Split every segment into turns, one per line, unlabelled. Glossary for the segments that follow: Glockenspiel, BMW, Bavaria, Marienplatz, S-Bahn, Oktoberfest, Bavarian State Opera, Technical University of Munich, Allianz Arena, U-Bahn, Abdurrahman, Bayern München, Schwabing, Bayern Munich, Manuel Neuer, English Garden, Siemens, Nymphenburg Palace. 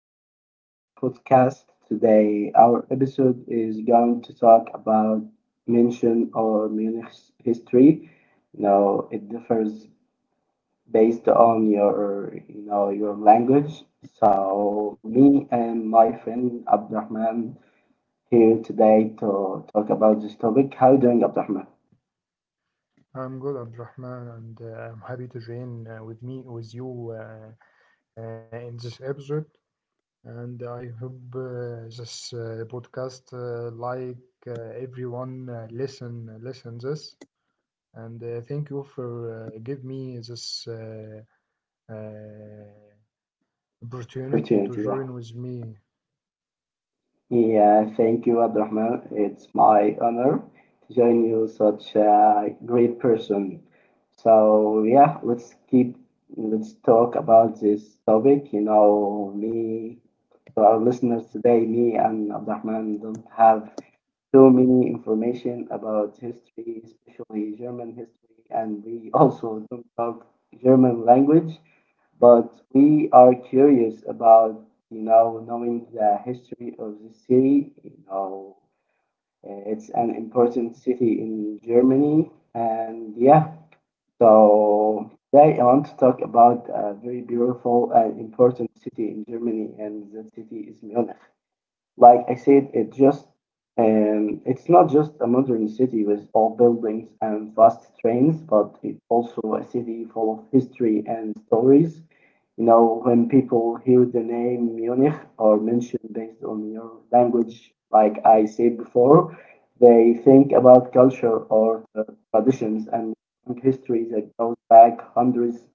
back to our podcast. Today, our episode is going to talk about mention or Munich's history. You know, it differs based on your, you know, your language. So, me and my friend Abdurrahman here today to talk about this topic. How you doing, Abdurrahman?
I'm good, Abdurrahman, and I'm happy to join with me with you in this episode. And I hope this podcast, like everyone, listen this. And thank you for give me this uh, opportunity
Opportunity,
to
yeah.
join with me.
Yeah, thank you, Abdurrahman. It's my honor to join you, such a great person. So yeah, let's talk about this topic. You know, me to our listeners today, me and Abdurrahman don't have too many information about history, especially German history, and we also don't talk German language, but we are curious about, you know, knowing the history of the city. You know, it's an important city in Germany. And yeah, so today I want to talk about a very beautiful and important city in Germany, and that city is Munich. Like I said, it just, it's not just a modern city with old buildings and fast trains, but it's also a city full of history and stories. You know, when people hear the name Munich or München, based on your language, like I said before, they think about culture or traditions and long history that goes back hundreds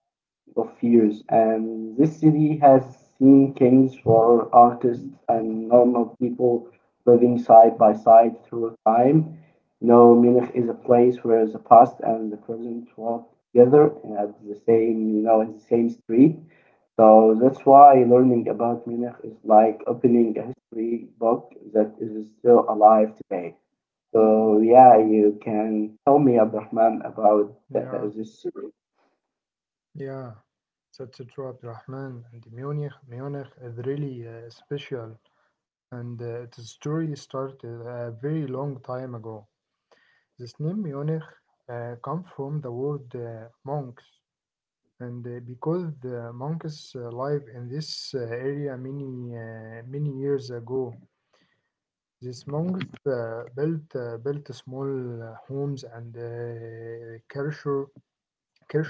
of years, and this city has seen kings for artists and normal people living side by side through time. You know, Munich is a place where the past and the present walk together and at the same, you know, in the same street. So that's why learning about Munich is like opening a history book that is still alive today. So yeah, you can tell me, Abdurrahman, about
Yeah,
this city.
yeah. So true, Abdulrahman. And Munich is really special, and its story started a very long time ago. This name Munich comes from the word monks, and because the monks live in this area many many years ago, these monks built small homes and Kircher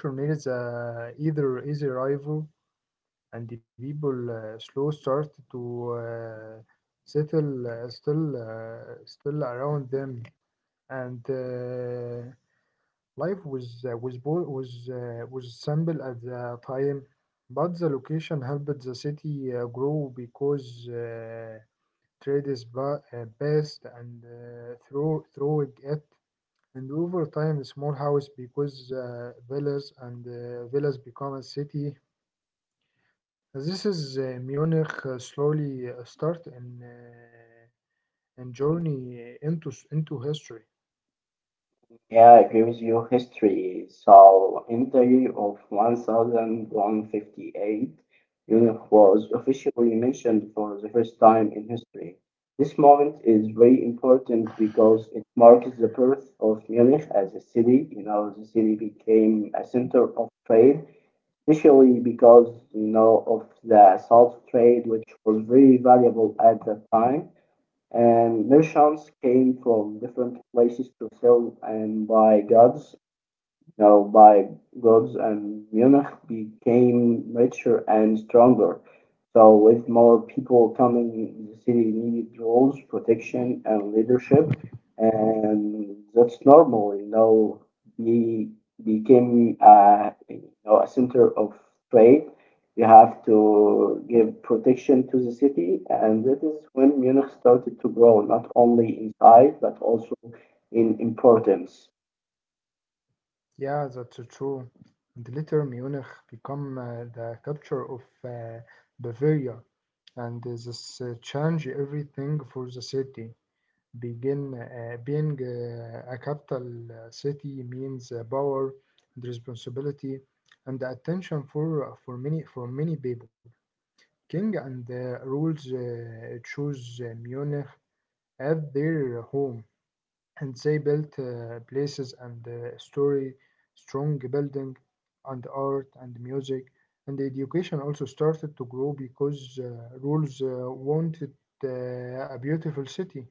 Kircher needs either easy rival, and the people slow start to uh, settle still around them, and life was was simple at the time, but the location helped the city grow because trade is best and through it. And over time a small house because villas and villas become a city. This is Munich slowly start and journey into into history.
Yeah, I agree with you. History. So, in the year of 1158, Europe was officially mentioned for the first time in history. This moment is very important because it marks the birth of Munich as a city. You know, the city became a center of trade, especially because, you know, of the salt trade, which was very valuable at that time, and merchants came from different places to sell and buy goods now, by gods, and Munich became richer and stronger. So, with more people coming, the city needed rules, protection, and leadership, and that's normal. You know, we became, you know, a center of trade. We have to give protection to the city, and that is when Munich started to grow, not only in size but also in importance.
Yeah, that's true. And later Munich become the capture of Bavaria, and this change everything for the city. Begin being a capital city means power and responsibility and attention for many people. King and rules chose Munich as their home, and they built places and story, strong building and art and music, and education also started to grow because rules wanted uh, a beautiful city.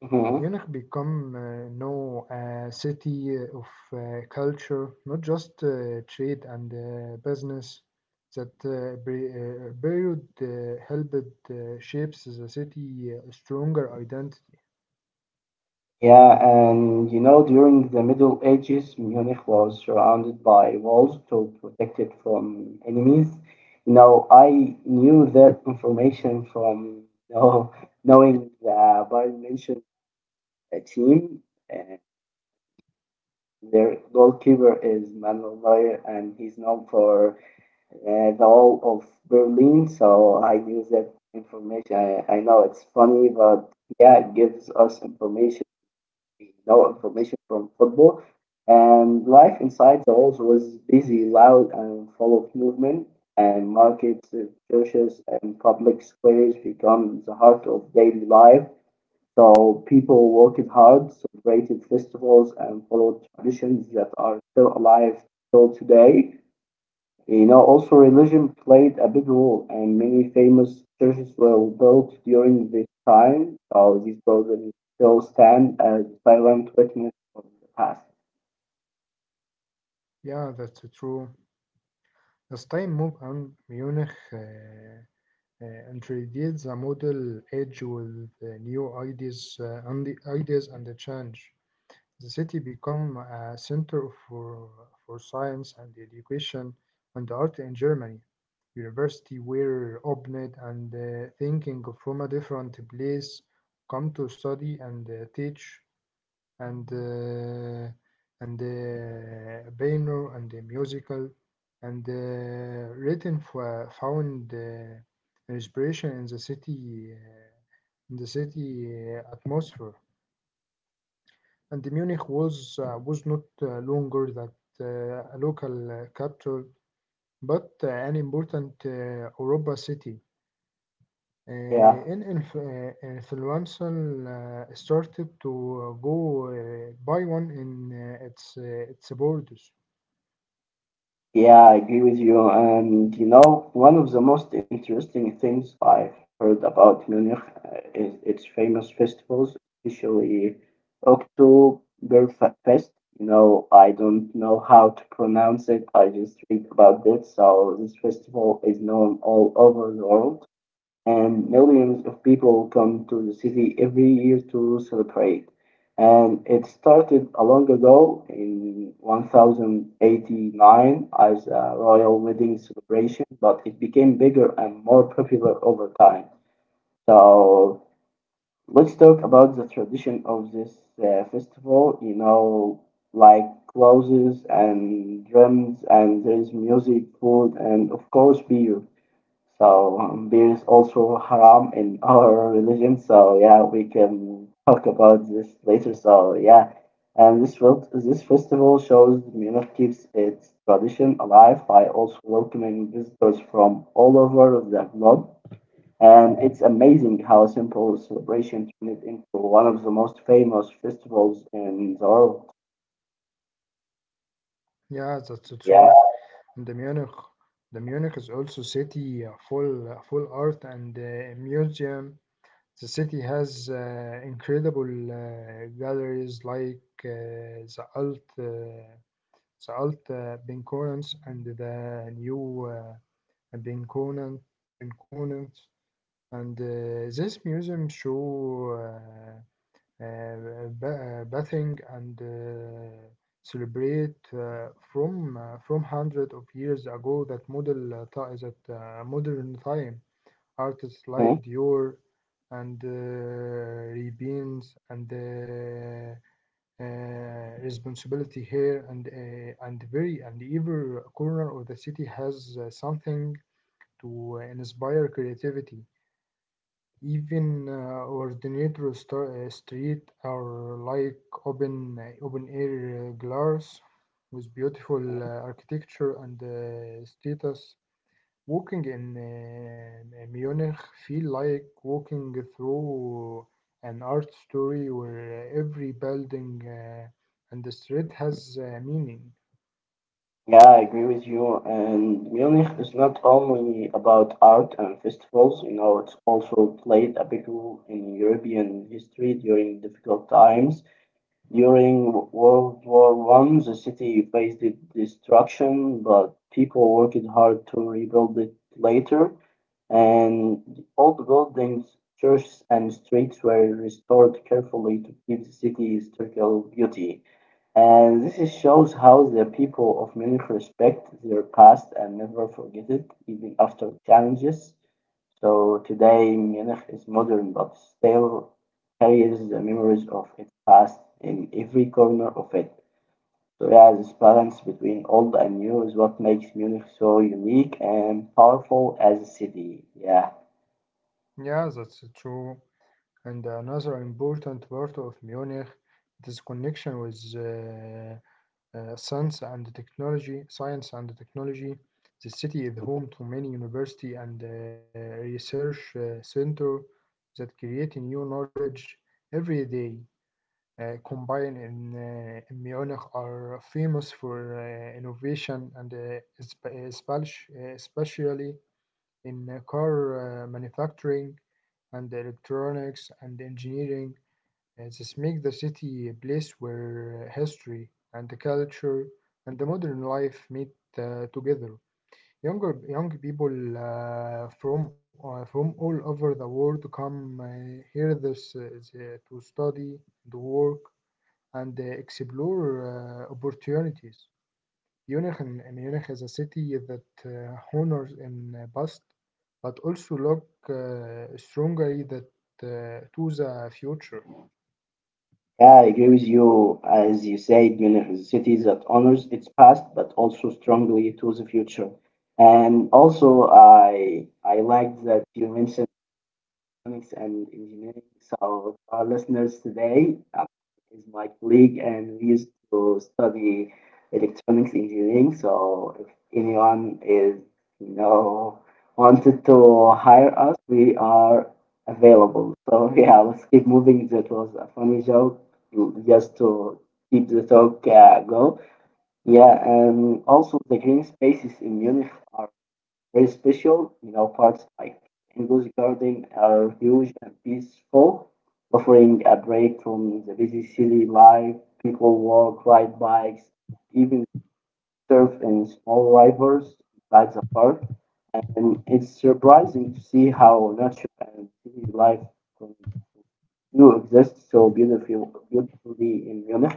Mhm.
Munich become now a city of culture, not just trade and business. That period helped shapes the city stronger identity.
Yeah, and you know, during the Middle Ages, Munich was surrounded by walls to protect it from enemies. You know, I knew that information from you know, knowing the Bayern München team. Uh, their goalkeeper is Manuel Neuer, and he's known for uh, the wall of Berlin. So I knew that information. I know it's funny, but yeah, it gives us information. No information from football. And life inside the halls was busy, loud, and full of movement. And markets, churches, and public squares become the heart of daily life. So people worked hard, celebrated festivals, and followed traditions that are still alive till today. You know, also religion played a big role, and many famous churches were built during this time. So these buildings still stand as silent witness of the past.
Yeah, that's true. As time moved on, Munich introduced the model age with new ideas, and the ideas and the change. The city became a center for science and education and art in Germany. University were opened and thinking from a different place come to study and teach and piano and the musical and written for found inspiration in the city atmosphere, and the Munich was not longer that a local capital, but an important Europa city. Uh,
Yeah.
an inf- uh, influential started to go buy one in its borders.
Yeah, I agree with you. And you know, one of the most interesting things I've heard about Munich is its famous festivals, especially Oktoberfest. You know, I don't know how to pronounce it. I just read about it. So this festival is known all over the world, and millions of people come to the city every year to celebrate. And it started a long ago in 1089 as a royal wedding celebration, but it became bigger and more popular over time. So let's talk about the tradition of this festival, you know, like clothes and drums, and there's music, food, and of course, beer. So there is also haram in our religion. So yeah, we can talk about this later. So yeah, and this festival shows Munich keeps its tradition alive by also welcoming visitors from all over the globe. And it's amazing how a simple celebration turned it into one of the most famous festivals in the world.
Yeah, that's
Yeah.
true. The Munich. The Munich is also city full art and museum. The city has incredible galleries like the Alt Binkonens and the new Binkonen Binkonens. And this museum show bathing and celebrate from hundred of years ago that modern time artists like Dior and Ray-Bans and uh, responsibility here and very and every corner of the city has something to inspire creativity. Even ordinary street are like open air glass with beautiful architecture and status. Walking in Munich feel like walking through an art story where every building and the street has meaning.
Yeah, I agree with you. And Munich is not only about art and festivals, you know, it's also played a big role in European history during difficult times. During World War One, the city faced destruction, but people worked hard to rebuild it later, and all the buildings, churches, and streets were restored carefully to keep the city's historical beauty. And shows how the people of Munich respect their past and never forget it, even after challenges. So today, Munich is modern but still carries the memories of its past in every corner of it. So yeah, this balance between old and new is what makes Munich so unique and powerful as a city. Yeah.
Yeah, that's true. And another important part of Munich is connection with. Science and technology. The city is home to many university and research center that create new knowledge every day. Combined in Munich are famous for innovation and especially in car manufacturing and electronics and engineering. This makes the city a place where history and the culture and the modern life meet together. Young people from all over the world come here this, uh, to study, to work, and explore opportunities. Munich and Munich is a city that honors in past, but also look strongly that uh, to the future.
Yeah, I agree with you. As you said, Munich is a city that honors its past but also strongly to the future. And also, I like that you mentioned Economics and Engineering. So, our listeners today is my colleague, and we used to study electronics engineering. So, if anyone is, you know, wanted to hire us, we are available. So, yeah, let's keep moving. That was a funny joke, just to keep the talk go. Yeah, and also the green spaces in Munich very special, you know, parks like English Garden are huge and peaceful, offering a break from the busy city life. People walk, ride bikes, even surf in small rivers inside the park. And it's surprising to see how nature and city life can coexist so beautifully in Munich.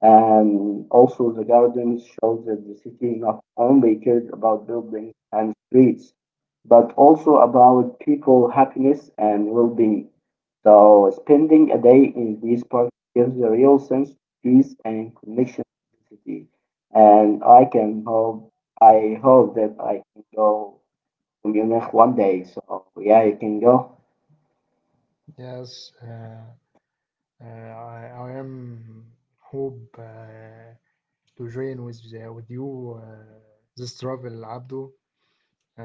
And also, the gardens show that the city not only cared about buildings and streets, but also about people happiness and well-being. So, spending a day in these parks gives a real sense of peace and connection to the city. And I hope that I can go to Munich one day. So, yeah, you can go.
Yes. I am hope to join with you this travel, Abdo,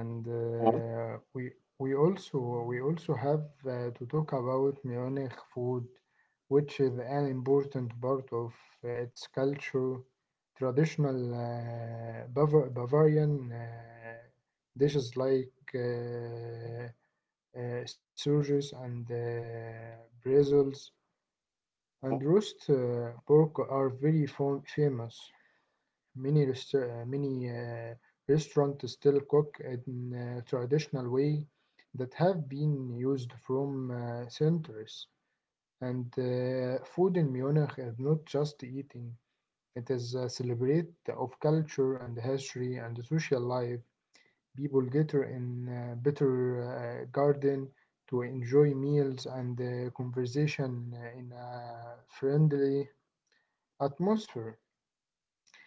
and we also have to talk about Munich food, which is an important part of its culture. Traditional Bavarian dishes like sausages and bretzels and roast pork are very famous. Many restaurants still cook in a traditional way that have been used from centuries. And food in Munich is not just eating; it is a celebrate of culture and history and social life. People gather in a better uh, garden to enjoy meals and conversation in a friendly atmosphere.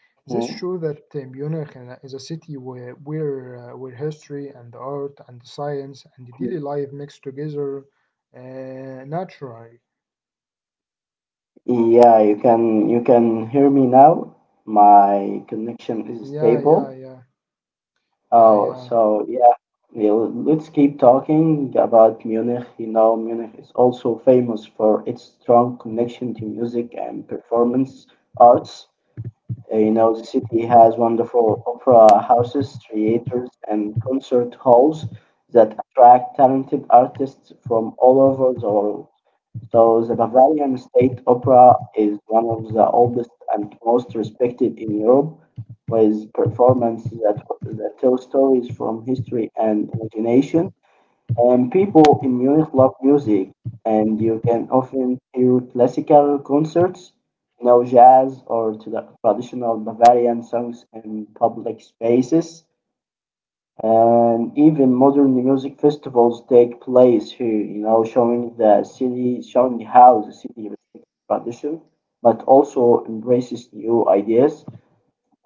This shows
Mhm.
that Munich is a city where history and art and science and daily life mix together naturally.
Yeah, you can hear me now. My connection is
Yeah, yeah,
stable.
yeah, yeah,
Oh,
yeah,
so yeah, yeah, let's keep talking about Munich. You know, Munich is also famous for its strong connection to music and performance arts. You know, the city has wonderful opera houses, theaters, and concert halls that attract talented artists from all over the world. So, the Bavarian State Opera is one of the oldest and most respected in Europe, with performances that tell stories from history and imagination. And people in Munich love music, and you can often hear classical concerts, you know, jazz or traditional Bavarian songs in public spaces. And even modern music festivals take place here, you know, showing how the city respects tradition, but also embraces new ideas.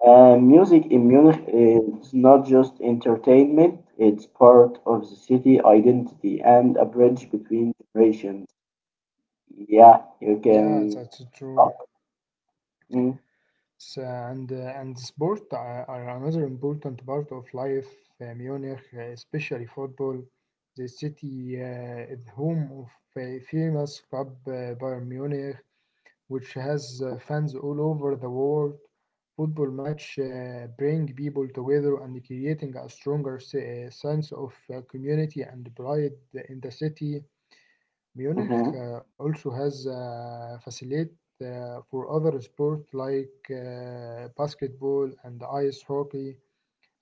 Music in Munich is not just entertainment, it's part of the city identity and a bridge between generations. Yeah, you
yeah. That's
can.
true.
Oh, mm,
So, and sport are another important part of life. Munich, especially football. The city is home of a famous club, Bayern Munich, which has fans all over the world. Football match bring people together and creating a stronger sense of community and pride in the city. Munich
mhm,
also has a facility for other sports like basketball and ice hockey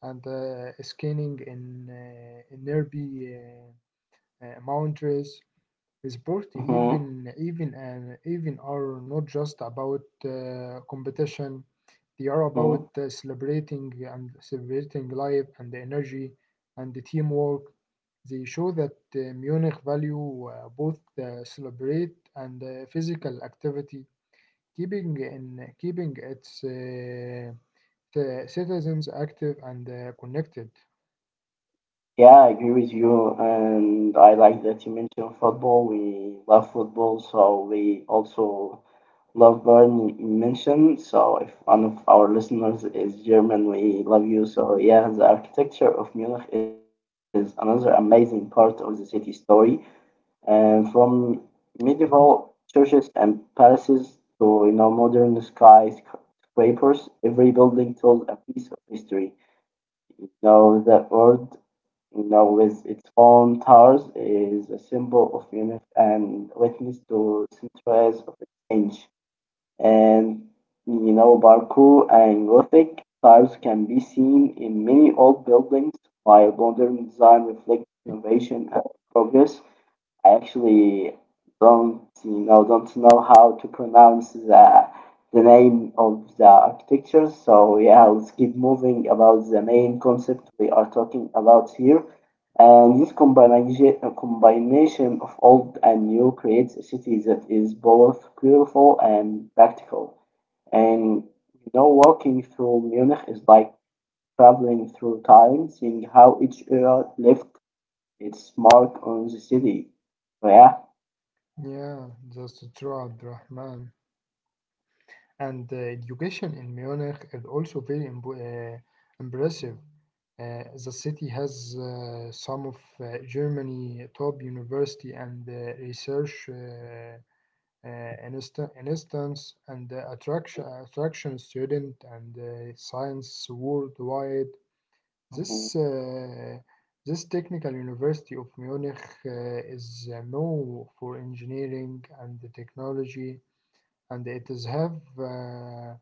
and skiing in nearby mountains. Sport
mhm,
even are not just about competition, they are about
mhm.
celebrating life and the energy and the teamwork. They show that Munich value both the celebrate and physical activity, keeping its the citizens active and connected.
Yeah, I agree with you, and I like that you mentioned football. We love football, so we also love Bayern mentioned. So if one of our listeners is German, we love you. So yeah, the architecture of Munich is another amazing part of the city story. And from medieval churches and palaces to, you know, modern skyscrapers, every building tells a piece of history. Now the word, now with its own towers, is a symbol of unity and witness to centuries of change. And you know, Baroque and Gothic styles can be seen in many old buildings, while modern design reflects innovation and progress. I actually don't know how to pronounce the name of the architecture. So yeah, let's keep moving about the main concept we are talking about here. And this combination of old and new creates a city that is both beautiful and practical. And you know, walking through Munich is like traveling through time, seeing how each era left its mark on the city. So yeah.
Yeah, that's true, Abdurrahman. And education in Munich is also very impressive. The city has some of Germany top university and research uh, instance and attraction student and science worldwide. This
Mm,
uh, this Technical University of Munich is known for engineering and the technology, and it is have. Uh,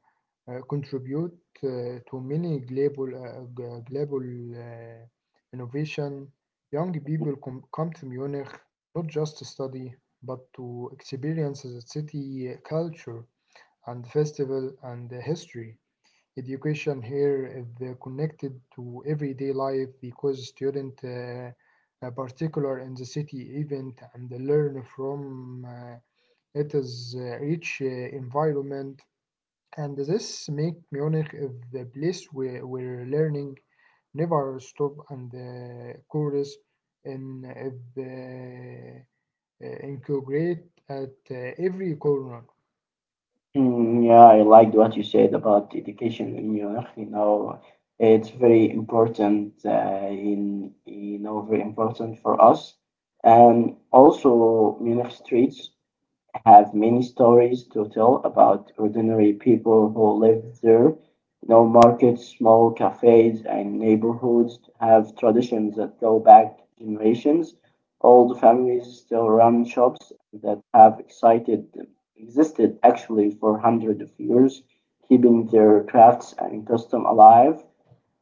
uh, Contribute to many global, global uh, innovation. Young people come to Munich not just to study, but to experience the city culture and festival and the history. Education here is connected to everyday life because students are particular in the city event and learn from it is rich environment, and this make Munich the place where learning never stop and the course in the integrate at every corner.
mm, yeah, I liked what you said about education in Munich. You know, it's very important in you know very important for us, and also Munich streets have many stories to tell about ordinary people who lived there. You know, markets, small cafes, and neighborhoods have traditions that go back generations. Old families still run shops that have existed actually for hundreds of years, keeping their crafts and custom alive.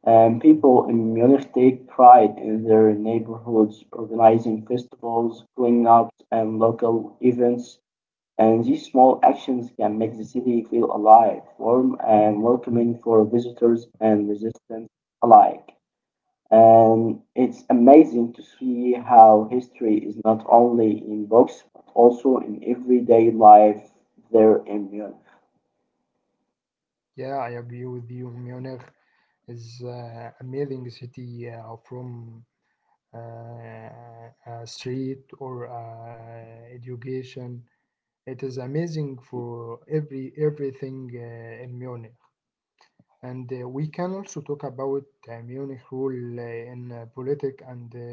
And people in Munich take pride in their neighborhoods, organizing festivals, cleanups, and local events, and these small actions can make the city feel alive, warm, and welcoming for visitors and resistance alike. And it's amazing to see how history is not only in books, but also in everyday life there in Munich.
Yeah, I agree with you. Munich is amazing city from a street or education. It is amazing for everything in Munich. And we can also talk about Munich role in politics and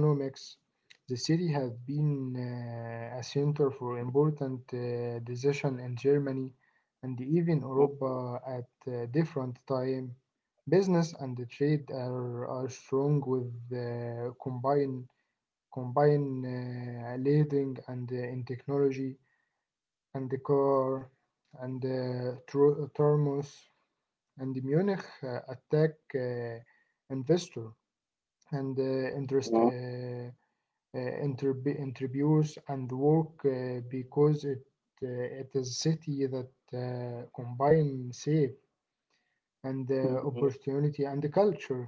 economics. The city has been a center for important decision in Germany and even Europa at different time. Business and the trade are strong with combine leading and in technology and the car and thermos, and Munich attack investor and
Mhm.
interest uh, interviews and work because it uh, it is a city that combine safe and
Mhm.
opportunity and the culture.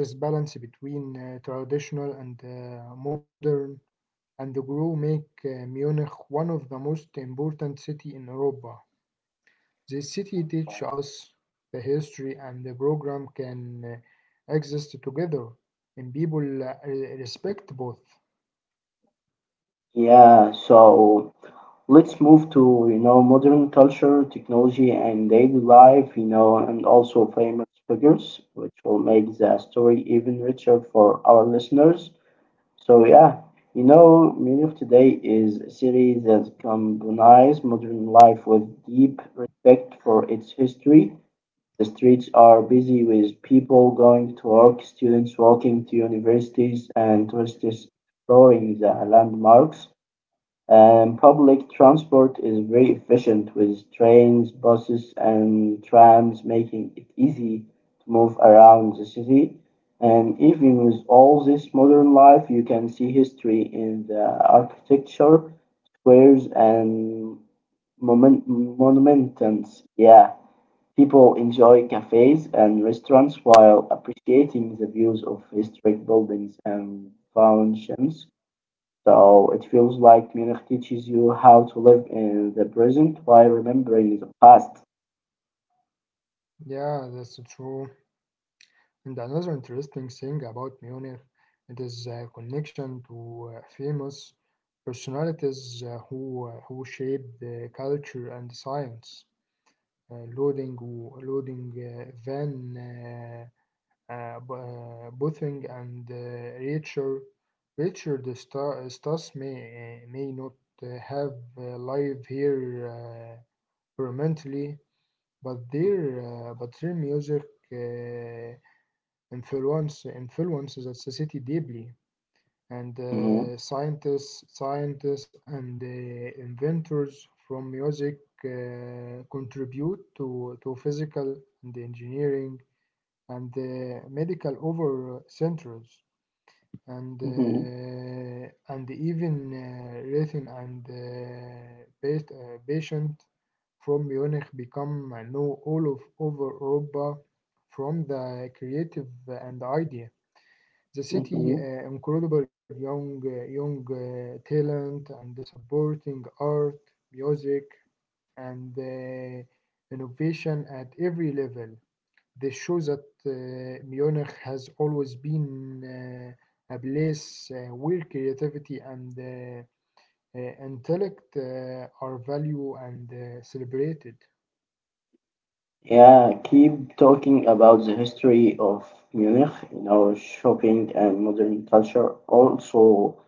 This balance between traditional and modern and the grow make Munich one of the most important city in Europe. The city teach us the history and the program can exist together, and people respect both.
Yeah, so let's move to, you know, modern culture, technology, and daily life. You know, and also famous figures, which will make the story even richer for our listeners. So yeah, you know, Men of Today is a series that combines modern life with deep respect for its history. The streets are busy with people going to work, students walking to universities, and tourists exploring the landmarks. Public transport is very efficient with trains, buses, and trams, making it easy to move around the city. And even with all this modern life, you can see history in the architecture, squares, and monuments. Yeah, people enjoy cafes and restaurants while appreciating the views of historic buildings and foundations. So it feels like Munich teaches you how to live in the present while remembering the past.
Yeah, that's true. And another interesting thing about Munich, it is a connection to famous personalities who who shaped the culture and science. Loading, Loading Van Bothong and Richard Stas may not have live here uh, permanently, but their music uh, influence influences the society deeply, and
hmm
scientists and inventors from music contribute to physical and engineering and the medical over centers,
hmm
and even written and based patient from Munich become know all of over Europa from the creative and idea. The
hmm
city incredible young talent and the supporting art, music and innovation at every level. This shows that Munich has always been a place where creativity and intellect are valued and celebrated.
Yeah, keep talking about the history of Munich, you know, shopping and modern culture, also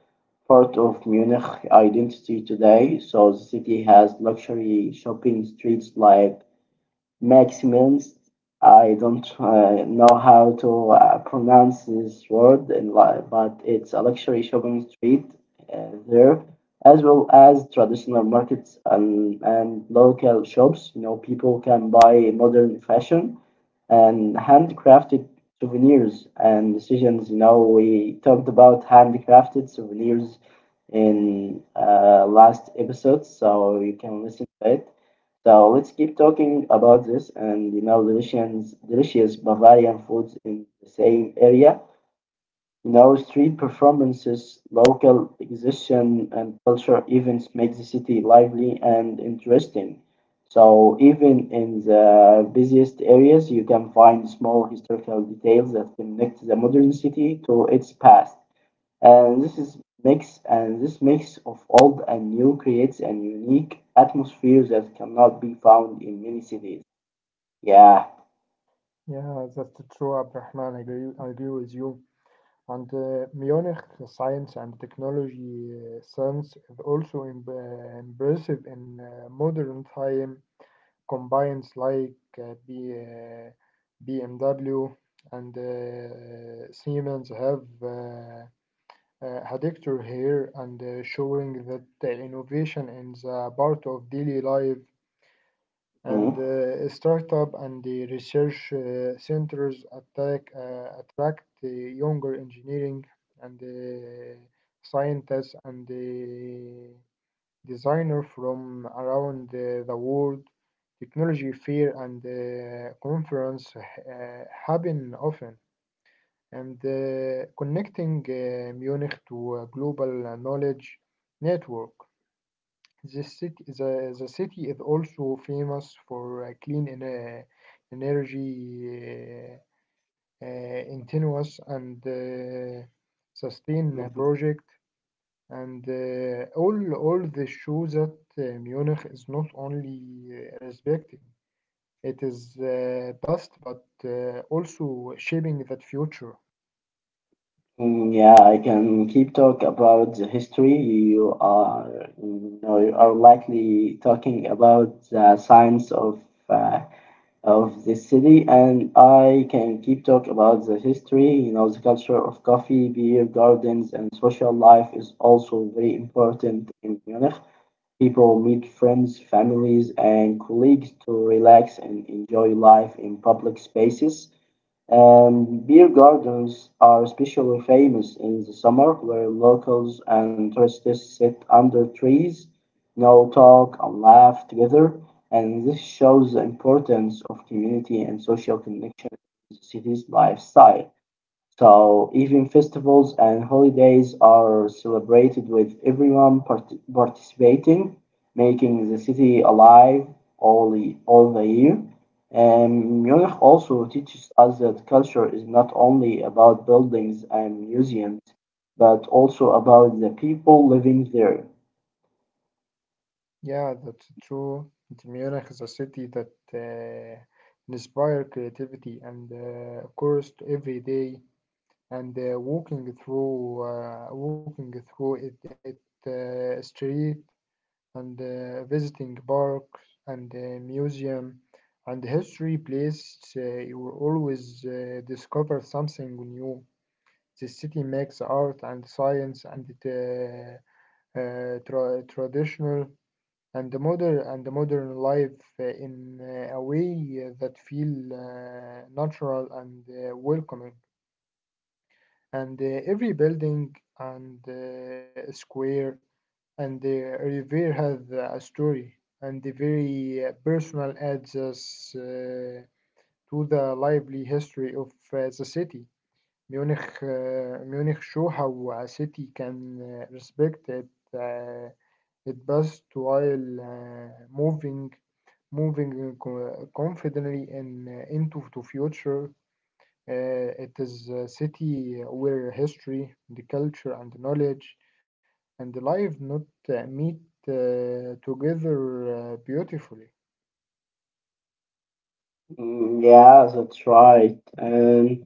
part of Munich identity today. So the city has luxury shopping streets like makes means. I don't know how to pronounce this word, in but it's a luxury shopping street there, as well as traditional markets and local shops. You know, people can buy modern fashion and handcrafted souvenirs and decisions. You know, we talked about handcrafted souvenirs in last episode, so you can listen to it. So let's keep talking about this and you know delicious Bavarian foods in the same area no street performances, local exhibition and culture events make the city lively and interesting. So even in the busiest areas, you can find small historical details that connect the modern city to its past. And this mix of old and new creates an unique atmosphere that cannot be found in many cities. Yeah.
Yeah, that's true, Abdurrahman. I agree with you. And Munich science and technology sense is also impressive in modern time. Combines like BMW and Siemens have had actor here and showing that the innovation in the part of daily life
Mhm.
and startup and the research centers attract the younger engineering and scientists and the designers from around the world. Technology fair and conference happen often, and connecting Munich to a global knowledge network. The city is also famous for energy continuous and sustain project and all this shows that Munich is not only respecting, it is past, but also shaping that future.
Mm, yeah, I can keep talk about the history. You know, you are likely talking about the science of the city, and I can keep talk about the history. You know, the culture of coffee, beer gardens, and social life is also very important in Munich. People meet friends, families, and colleagues to relax and enjoy life in public spaces. Beer gardens are especially famous in the summer, where locals and tourists sit under trees, now talk and laugh together, and this shows the importance of community and social connection in the city's lifestyle. So even festivals and holidays are celebrated with everyone participating, making the city alive all the year. And Munich also teaches us that culture is not only about buildings and museums, but also about the people living there.
Yeah, that's true. And Munich is a city that inspire creativity and, of course, to every day. And walking through it, it street and visiting parks and museum and history place, you will always discover something new. The city makes art and science and traditional and the modern life in a way that feel natural and welcoming. And every building and square and the revere has a story and the very personal adds us to the lively history of the city. Munich, uh, Munich show how a city can respect it, uh, it best while uh, moving moving confidently in, into the future. Uh, it is a city where history, the culture, and knowledge and the life not meet together beautifully.
Mm, yeah, that's right. And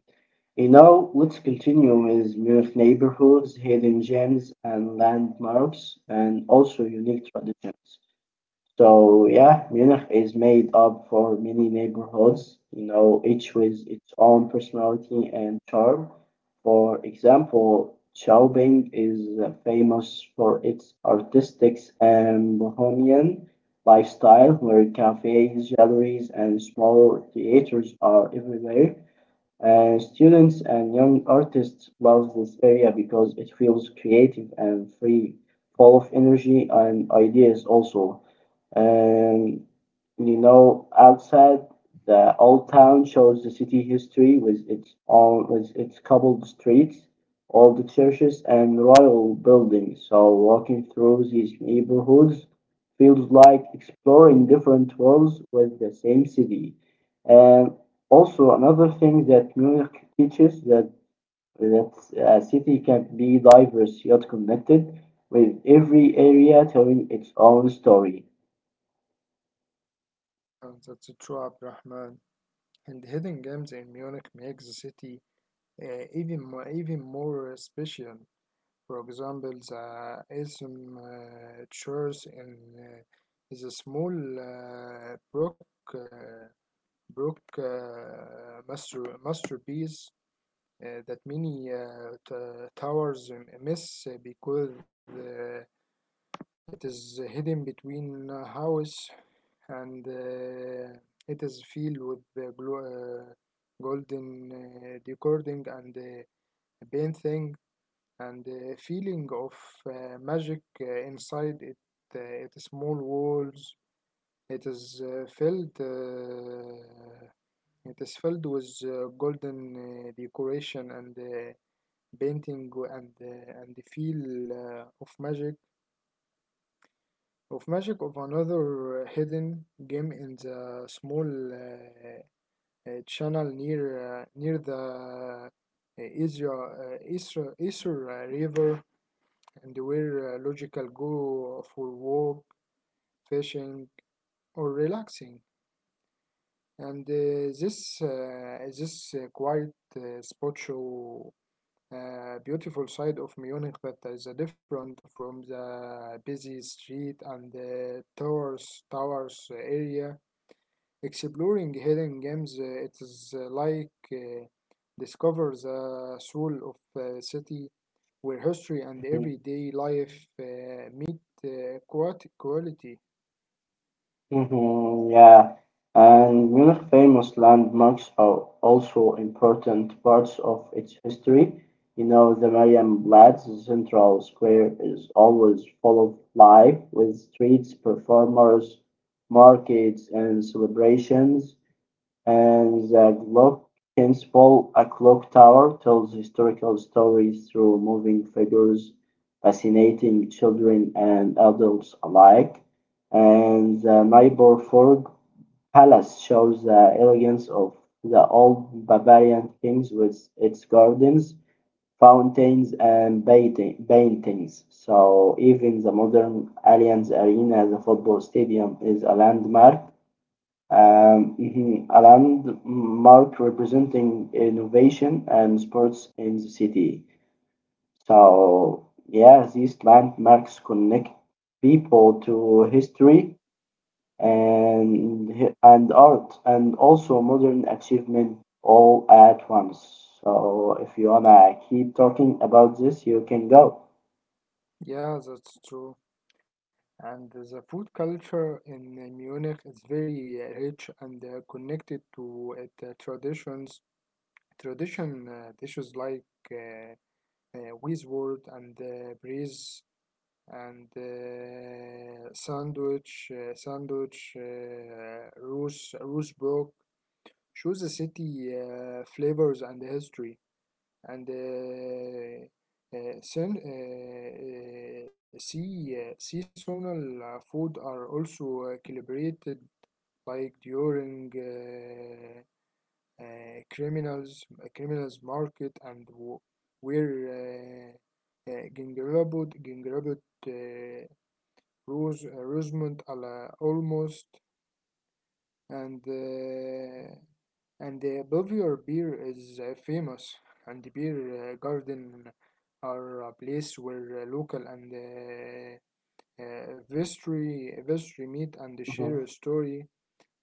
you know, let's continue with Munich neighborhoods, hidden gems, and landmarks, and also unique traditions. So, yeah, Munich is made up for many neighborhoods, you know, each with its own personality and charm. For example, Schaubing is famous for its artistic and bohemian lifestyle, where cafes, galleries, and small theaters are everywhere. Students and young artists love this area because it feels creative and free, full of energy and ideas also. Um, you know, outside the old town shows the city history with its own, with its cobbled streets, old churches and royal buildings. So walking through these neighborhoods feels like exploring different worlds with the same city. Um, Also, another thing that Munich teaches that a city can be diverse yet connected, with every area telling its own story.
Yeah, that's true, Abdurrahman. And hidden games in Munich makes the city even more special. For example, the Ism church in is a small uh, brook, uh, brook masterpiece that many towers miss because it is hidden between a house and it is filled with uh, golden decoding and painting and feeling of magic inside it. It is small walls. It is filled. It is filled with golden decoration and painting and and the feel of magic of another hidden gem in the small channel near near the Isra River and where logical go for walk, fishing, or relaxing. And this quiet spot show beautiful side of Munich that is different from the busy street and the towers area. Exploring hidden gems, it is like discover the soul of a city where history
Mhm.
and everyday life meet quality.
Mhm, yeah, and Munich famous landmarks are also important parts of its history. You know, the Marienplatz central square is always full of life with streets, performers, markets, and celebrations. And the Glock Principle, a clock tower, tells historical stories through moving figures, fascinating children and adults alike. And the Nyborg Palace shows the elegance of the old Bavarian kings with its gardens, fountains, and paintings. So even the modern Allianz Arena, the football stadium, is a landmark mhm, a landmark representing innovation and sports in the city. So, yeah, these landmarks connect people to history and art and also modern achievement all at once. So, if you wanna keep talking about this, you can go.
Yeah, that's true. And the food culture in Munich is very rich and connected to its traditions. Tradition dishes like uh, Weiswort and sandwich Roosbrook shows the city flavors and the history and seasonal food are also celebrated like during criminals market where uh, gingerbread uh, روز روزموند على almost and uh, and the Belvedere beer is famous and the beer garden are a place where local and uh, vestry vestry meet and
Mhm,
share a story.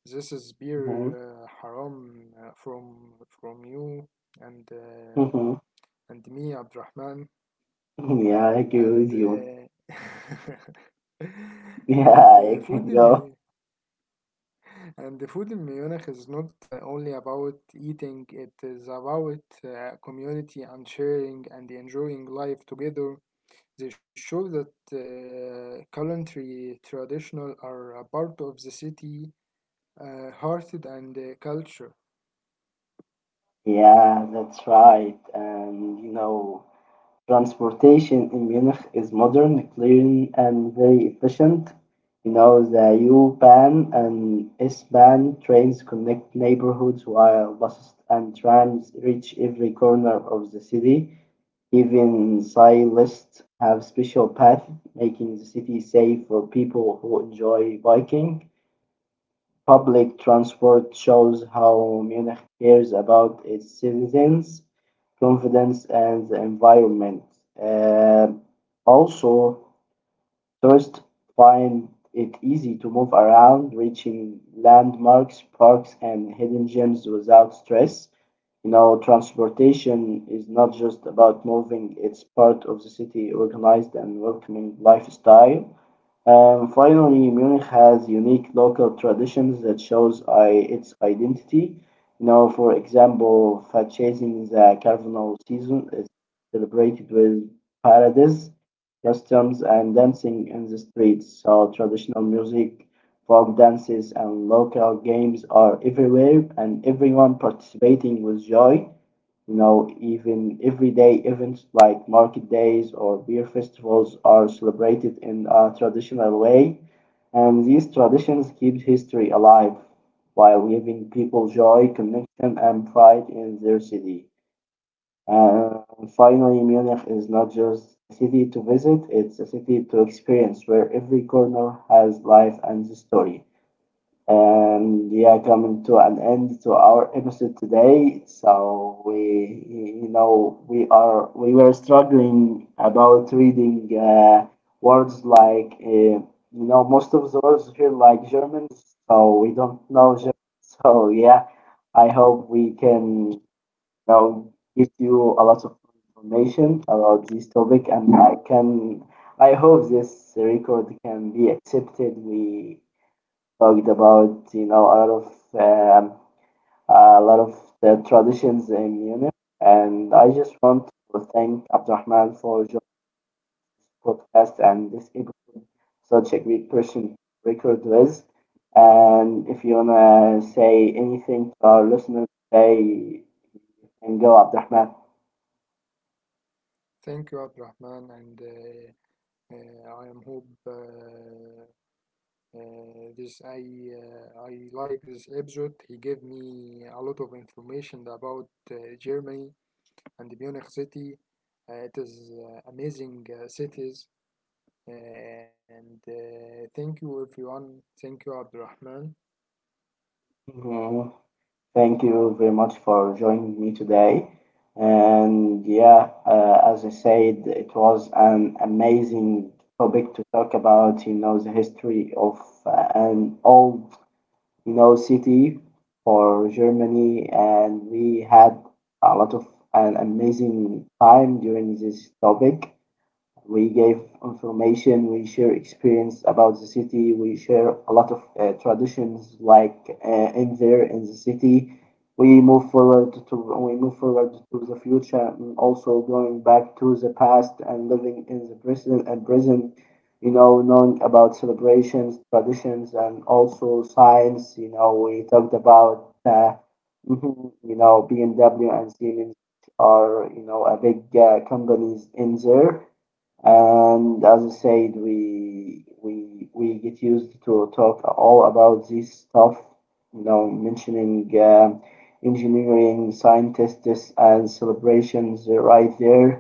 This is beer
mhm,
haram uh, from from you and uh,
mhm.
and me Abdurrahman
Yeah, I agree with
and
you. Yeah,
and
you can
food in
go.
me And the food in Munich is not only about eating, it is about community and sharing and enjoying life together. They show that culinary traditional are a part of the city, hearted and culture.
Yeah, that's right. And you know, transportation in Munich is modern, clean, and very efficient. You know, the U-Bahn and S-Bahn trains connect neighborhoods while buses and trams reach every corner of the city. Even cyclists have special paths, making the city safe for people who enjoy biking. Public transport shows how Munich cares about its citizens' confidence and the environment. Uh, Also, tourists find it easy to move around, reaching landmarks, parks, and hidden gems without stress. You know, transportation is not just about moving, it's part of the city organized and welcoming lifestyle. And finally, Munich has unique local traditions that shows its identity. You know, for example, purchasing the carnival season is celebrated with parades, customs, and dancing in the streets. So traditional music, folk dances, and local games are everywhere, and everyone participating with joy. You know, even everyday events like market days or beer festivals are celebrated in a traditional way, and these traditions keep history alive while giving people joy, connection, and pride in their city. And finally, Munich is not just a city to visit, it's a city to experience where every corner has life and story. And yeah, coming to an end to our episode today. So you know, we were struggling about reading words like, you know, most of the words feel like German, so we don't know German. So yeah, I hope we can, you know, give you a lot of information about this topic, I hope this record can be accepted. We talked about you know um, a lot of the traditions in Munich, and I just want to thank Abdurrahman for your podcast and this episode. Such a great person to record with, and if you wanna say anything to our listeners, say and go Abdurrahman.
Thank you, Abdurrahman, and I am hope this I like this episode. He gave me a lot of information about Germany and Munich city. It is amazing cities. And thank you, everyone. Thank you, Abdurrahman.
Thank you very much for joining me today. And yeah, as I said, it was an amazing topic to talk about, you know, the history of an old, you know, city for Germany. And we had a lot of an amazing time during this topic. We gave information, we share experience about the city, we share a lot of traditions like in there in the city. We move forward to the future, and also going back to the past and living in the present. You know, knowing about celebrations, traditions, and also science. You know, we talked about you know BMW and Siemens are you know a big companies in there and as I said, we get used to talk all about this stuff, you know, mentioning engineering, scientists, and celebrations right there.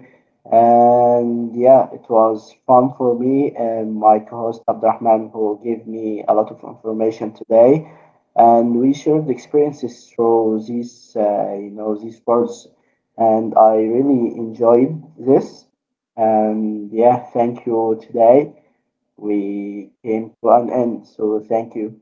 And yeah, it was fun for me and my co-host Abdurrahman, who gave me a lot of information today. And we shared experiences through these, you know, these words, and I really enjoyed this. And yeah, thank you. Today we came to an end, so thank you.